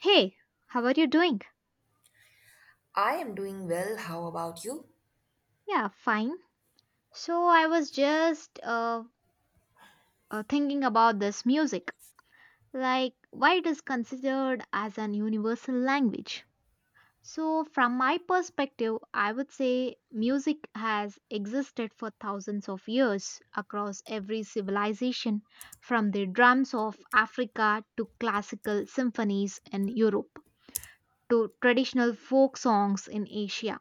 Hey, how are you doing? I am doing well. How about you? Yeah, fine. So I was just thinking about this music. Like, why it is considered as an universal language? So, from my perspective, I would say music has existed for thousands of years across every civilization, from the drums of Africa to classical symphonies in Europe to traditional folk songs in Asia.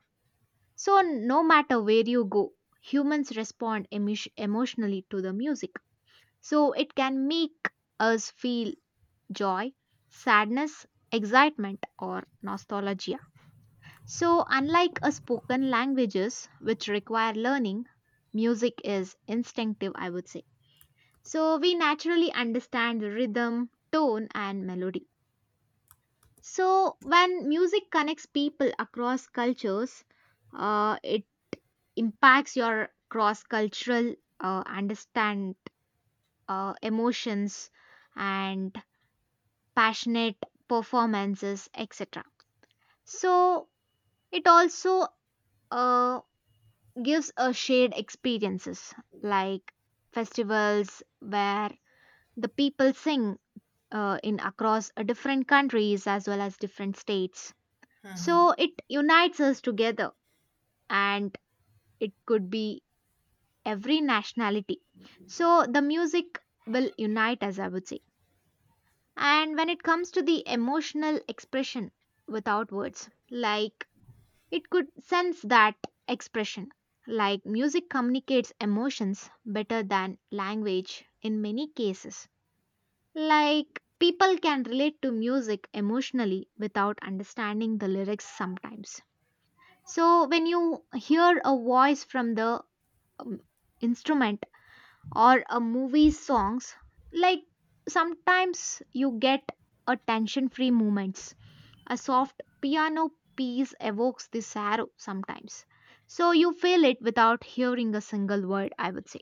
So, no matter where you go, humans respond emotionally to the music. So, it can make us feel joy, sadness, excitement, or nostalgia. So, unlike a spoken languages, which require learning, music is instinctive, I would say. So, we naturally understand the rhythm, tone, and melody. So, when music connects people across cultures, it impacts your cross cultural understand emotions and passionate performances, etc. So, it also uh, gives a shared experiences like festivals where the people sing in across different countries as well as different states. So, it unites us together and it could be every nationality. So the music will unite us, I would say. And when it comes to the emotional expression without words, like it could sense that expression. Like music communicates emotions better than language in many cases. Like people can relate to music emotionally without understanding the lyrics sometimes. So when you hear a voice from the um, instrument, or a movie songs, like sometimes you get a tension free moments, a soft piano piece evokes the sorrow sometimes, so you feel it without hearing a single word, I would say.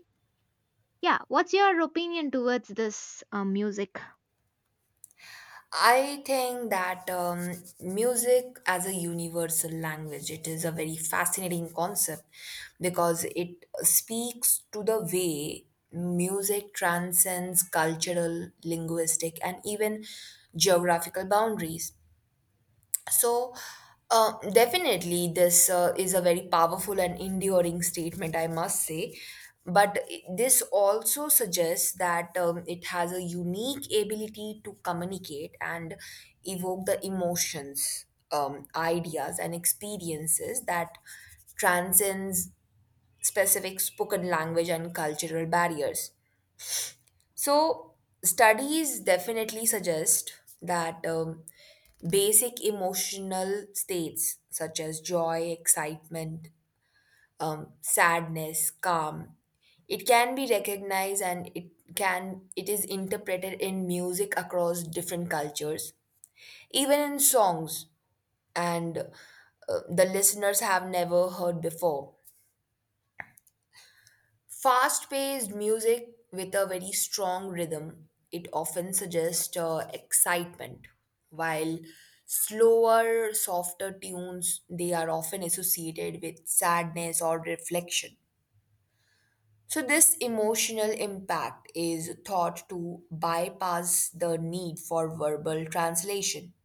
Yeah, what's your opinion towards this music? I think that music as a universal language it is a very fascinating concept because it speaks to the way music transcends cultural, linguistic, and even geographical boundaries. So, definitely, this is a very powerful and enduring statement, I must say. But this also suggests that it has a unique ability to communicate and evoke the emotions, ideas, and experiences that transcends specific spoken language and cultural barriers. So, studies definitely suggest that. Basic emotional states such as joy, excitement, sadness, calm. It can be recognized and it is interpreted in music across different cultures, even in songs and the listeners have never heard before. Fast paced music with a very strong rhythm, it often suggests excitement, while slower, softer tunes they are often associated with sadness or reflection. So this emotional impact is thought to bypass the need for verbal translation.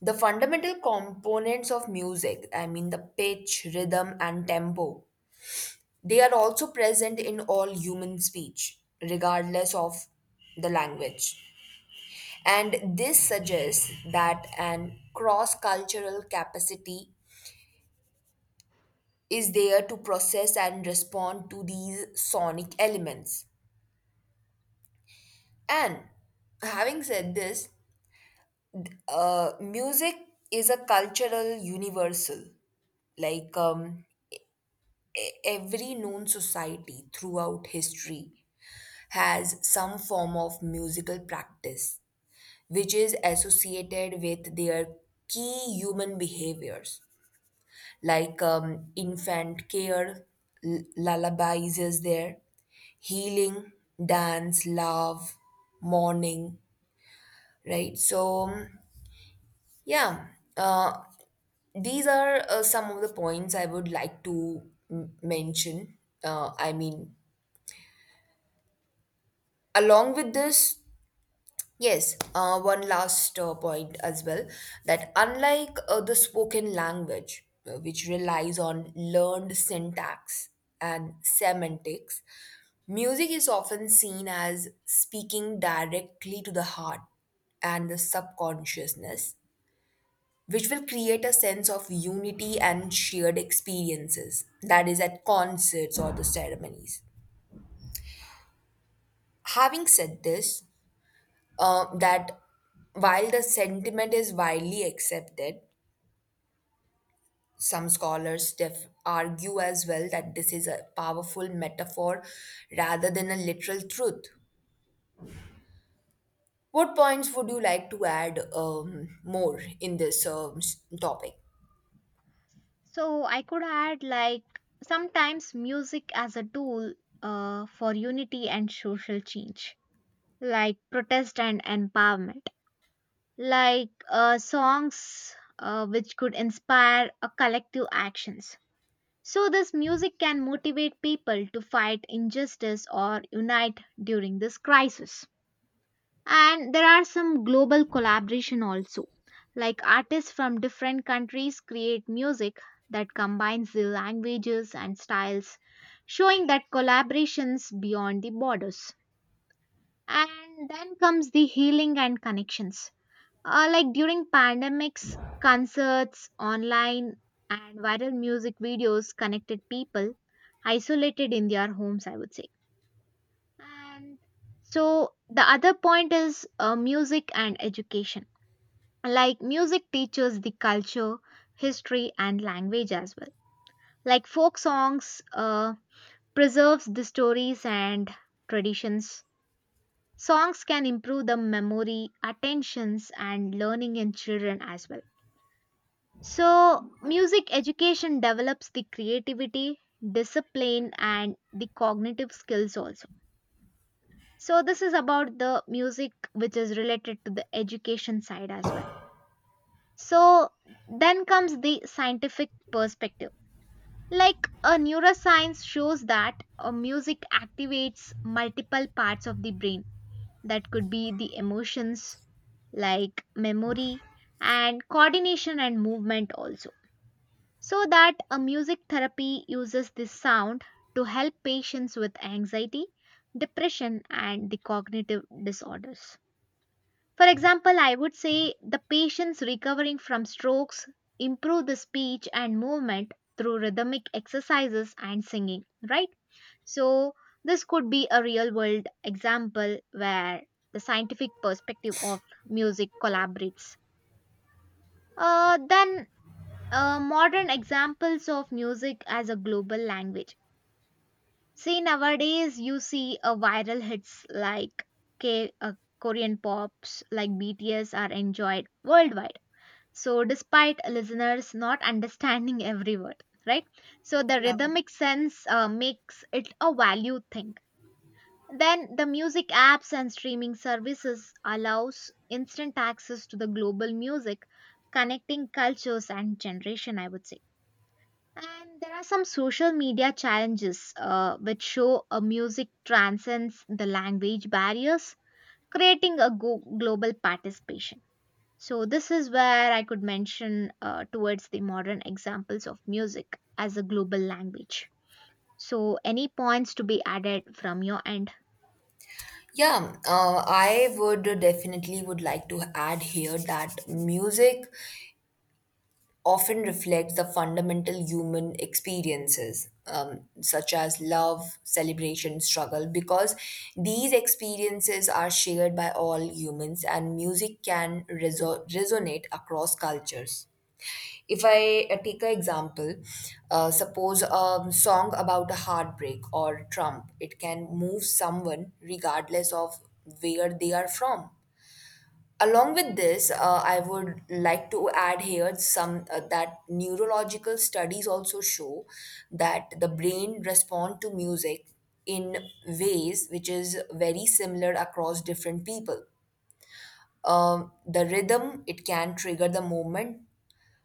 The fundamental components of music, I mean the pitch, rhythm and tempo, they are also present in all human speech, regardless of the language. And this suggests that an cross cultural capacity is there to process and respond to these sonic elements. And having said this, music is a cultural universal. Like every known society throughout history has some form of musical practice which is associated with their key human behaviors, like infant care, lullabies is there, healing, dance, love, mourning, right? So, yeah, uh, these are some of the points I would like to mention. I mean, along with this, yes, one last point as well that unlike the spoken language, which relies on learned syntax and semantics, music is often seen as speaking directly to the heart and the subconsciousness, which will create a sense of unity and shared experiences, that is, at concerts or the ceremonies. Having said this, that while the sentiment is widely accepted, some scholars argue as well that this is a powerful metaphor rather than a literal truth. What points would you like to add more in this topic? So I could add, like, sometimes music as a tool for unity and social change, like protest and empowerment, like songs which could inspire a collective actions. So this music can motivate people to fight injustice or unite during this crisis. And there are some global collaboration also. Like artists from different countries create music that combines the languages and styles, showing that collaborations beyond the borders. And then comes the healing and connections, like during pandemics, concerts, online and viral music videos connected people isolated in their homes, I would say. And so the other point is, music and education. Like music teaches the culture, history, and language as well. Like folk songs preserves the stories and traditions. Songs can improve the memory, attentions, and learning in children as well. So, music education develops the creativity, discipline, and the cognitive skills also. So, this is about the music which is related to the education side as well. So, then comes the scientific perspective. Like a neuroscience shows that music activates multiple parts of the brain, that could be the emotions, like memory, and coordination and movement also. So that a music therapy uses this sound to help patients with anxiety, depression, and the cognitive disorders. For example, I would say the patients recovering from strokes improve the speech and movement through rhythmic exercises and singing, right? So, this could be a real world example where the scientific perspective of music collaborates. Then modern examples of music as a global language. See, nowadays you see a viral hits like K, uh, Korean pops like BTS are enjoyed worldwide. So, despite listeners not understanding every word, right? So, the rhythmic sense makes it a value thing. Then, the music apps and streaming services allows instant access to the global music, connecting cultures and generation, I would say. And there are some social media challenges which show a music transcends the language barriers, creating a global participation. So, this is where I could mention towards the modern examples of music as a global language. So, any points to be added from your end? Yeah, I would definitely would like to add here that music often reflects the fundamental human experiences, such as love, celebration, struggle, because these experiences are shared by all humans and music can resonate across cultures. If I take an example, suppose a song about a heartbreak or Trump, it can move someone regardless of where they are from. Along with this, I would like to add here some that neurological studies also show that the brain respond to music in ways which is very similar across different people. The rhythm it can trigger the movement,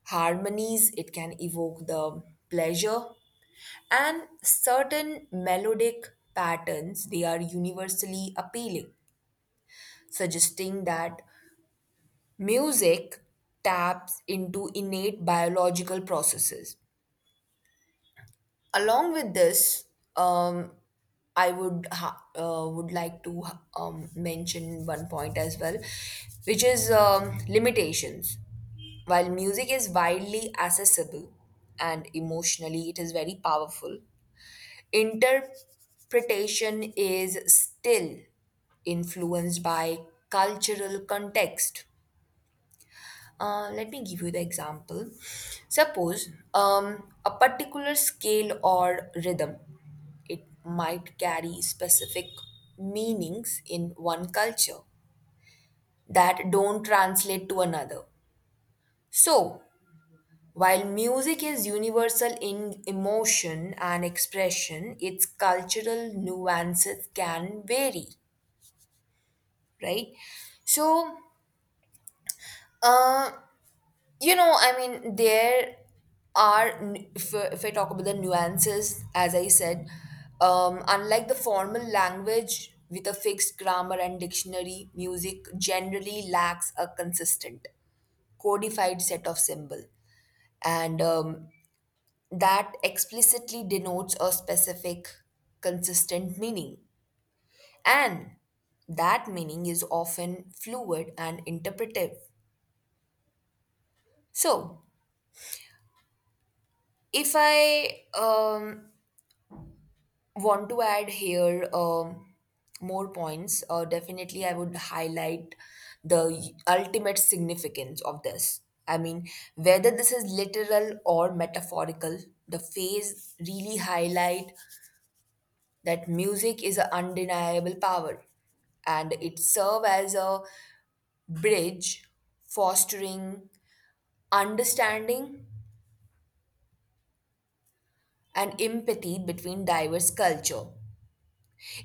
harmonies it can evoke the pleasure, and certain melodic patterns they are universally appealing, suggesting that music taps into innate biological processes. Along with this, um, I would would like to mention one point as well, which is limitations. While music is widely accessible and emotionally, it is very powerful. Interpretation is still influenced by cultural context. Let me give you the example. Suppose a particular scale or rhythm, it might carry specific meanings in one culture that don't translate to another. So, while music is universal in emotion and expression, its cultural nuances can vary, right? So, uh, you know I mean there are if I talk about the nuances as I said, unlike the formal language with a fixed grammar and dictionary, music generally lacks a consistent codified set of symbol and that explicitly denotes a specific consistent meaning, and that meaning is often fluid and interpretive. So if I want to add here more points. Definitely, I would highlight the ultimate significance of this. I mean, whether this is literal or metaphorical, the phase really highlight that music is an undeniable power, and it serve as a bridge, fostering understanding and empathy between diverse culture.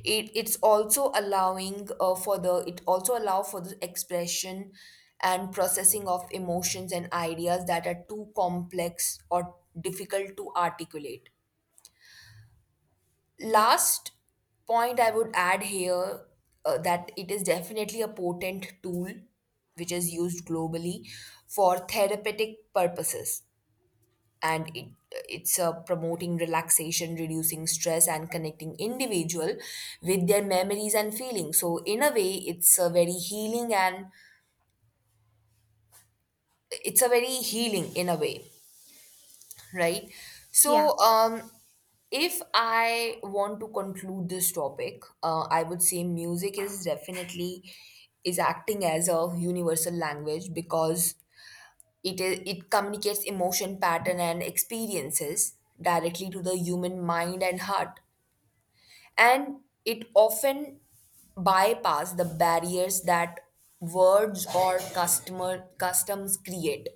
It's also allowing for the it also allow for the expression and processing of emotions and ideas that are too complex or difficult to articulate. Last point I would add here, that it is definitely a potent tool which is used globally for therapeutic purposes, and it's promoting relaxation, reducing stress and connecting individual with their memories and feelings. So in a way it's a very healing and it's a very healing in a way, right? So Yeah, um, if I want to conclude this topic, I would say music is definitely is acting as a universal language because it communicates emotion pattern and experiences directly to the human mind and heart, and it often bypass the barriers that words or customer customs create.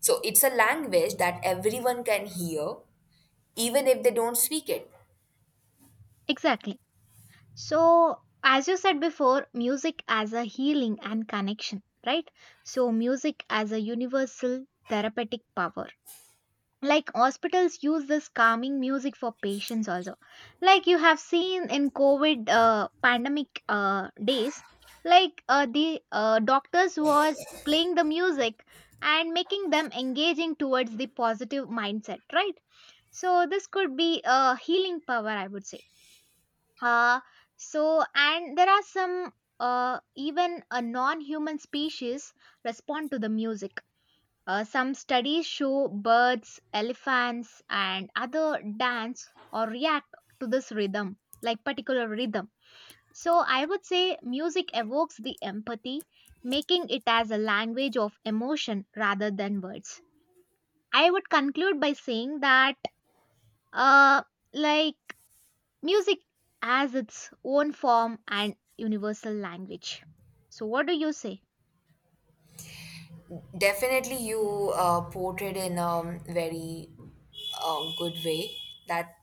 So it's a language that everyone can hear even if they don't speak it. exactly. So, as you said before, music as a healing and connection, right? So, music as a universal therapeutic power, like hospitals use this calming music for patients also, like you have seen in covid pandemic days, like the doctors was playing the music and making them engaging towards the positive mindset, right? So this could be a healing power, I would say. uh, so and there are some even a non-human species respond to the music. Some studies show birds, elephants, and other dance or react to this rhythm, like particular rhythm. So I would say music evokes the empathy, making it as a language of emotion rather than words. I would conclude by saying that, uh, like, music has its own form and universal language. So what do you say? Definitely you portrayed in a very good way that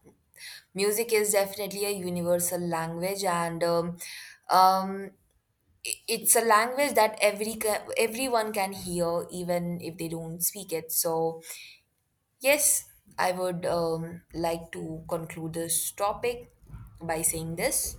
music is definitely a universal language, and um, it's a language that everyone can hear even if they don't speak it. So yes, I would like to conclude this topic by saying this.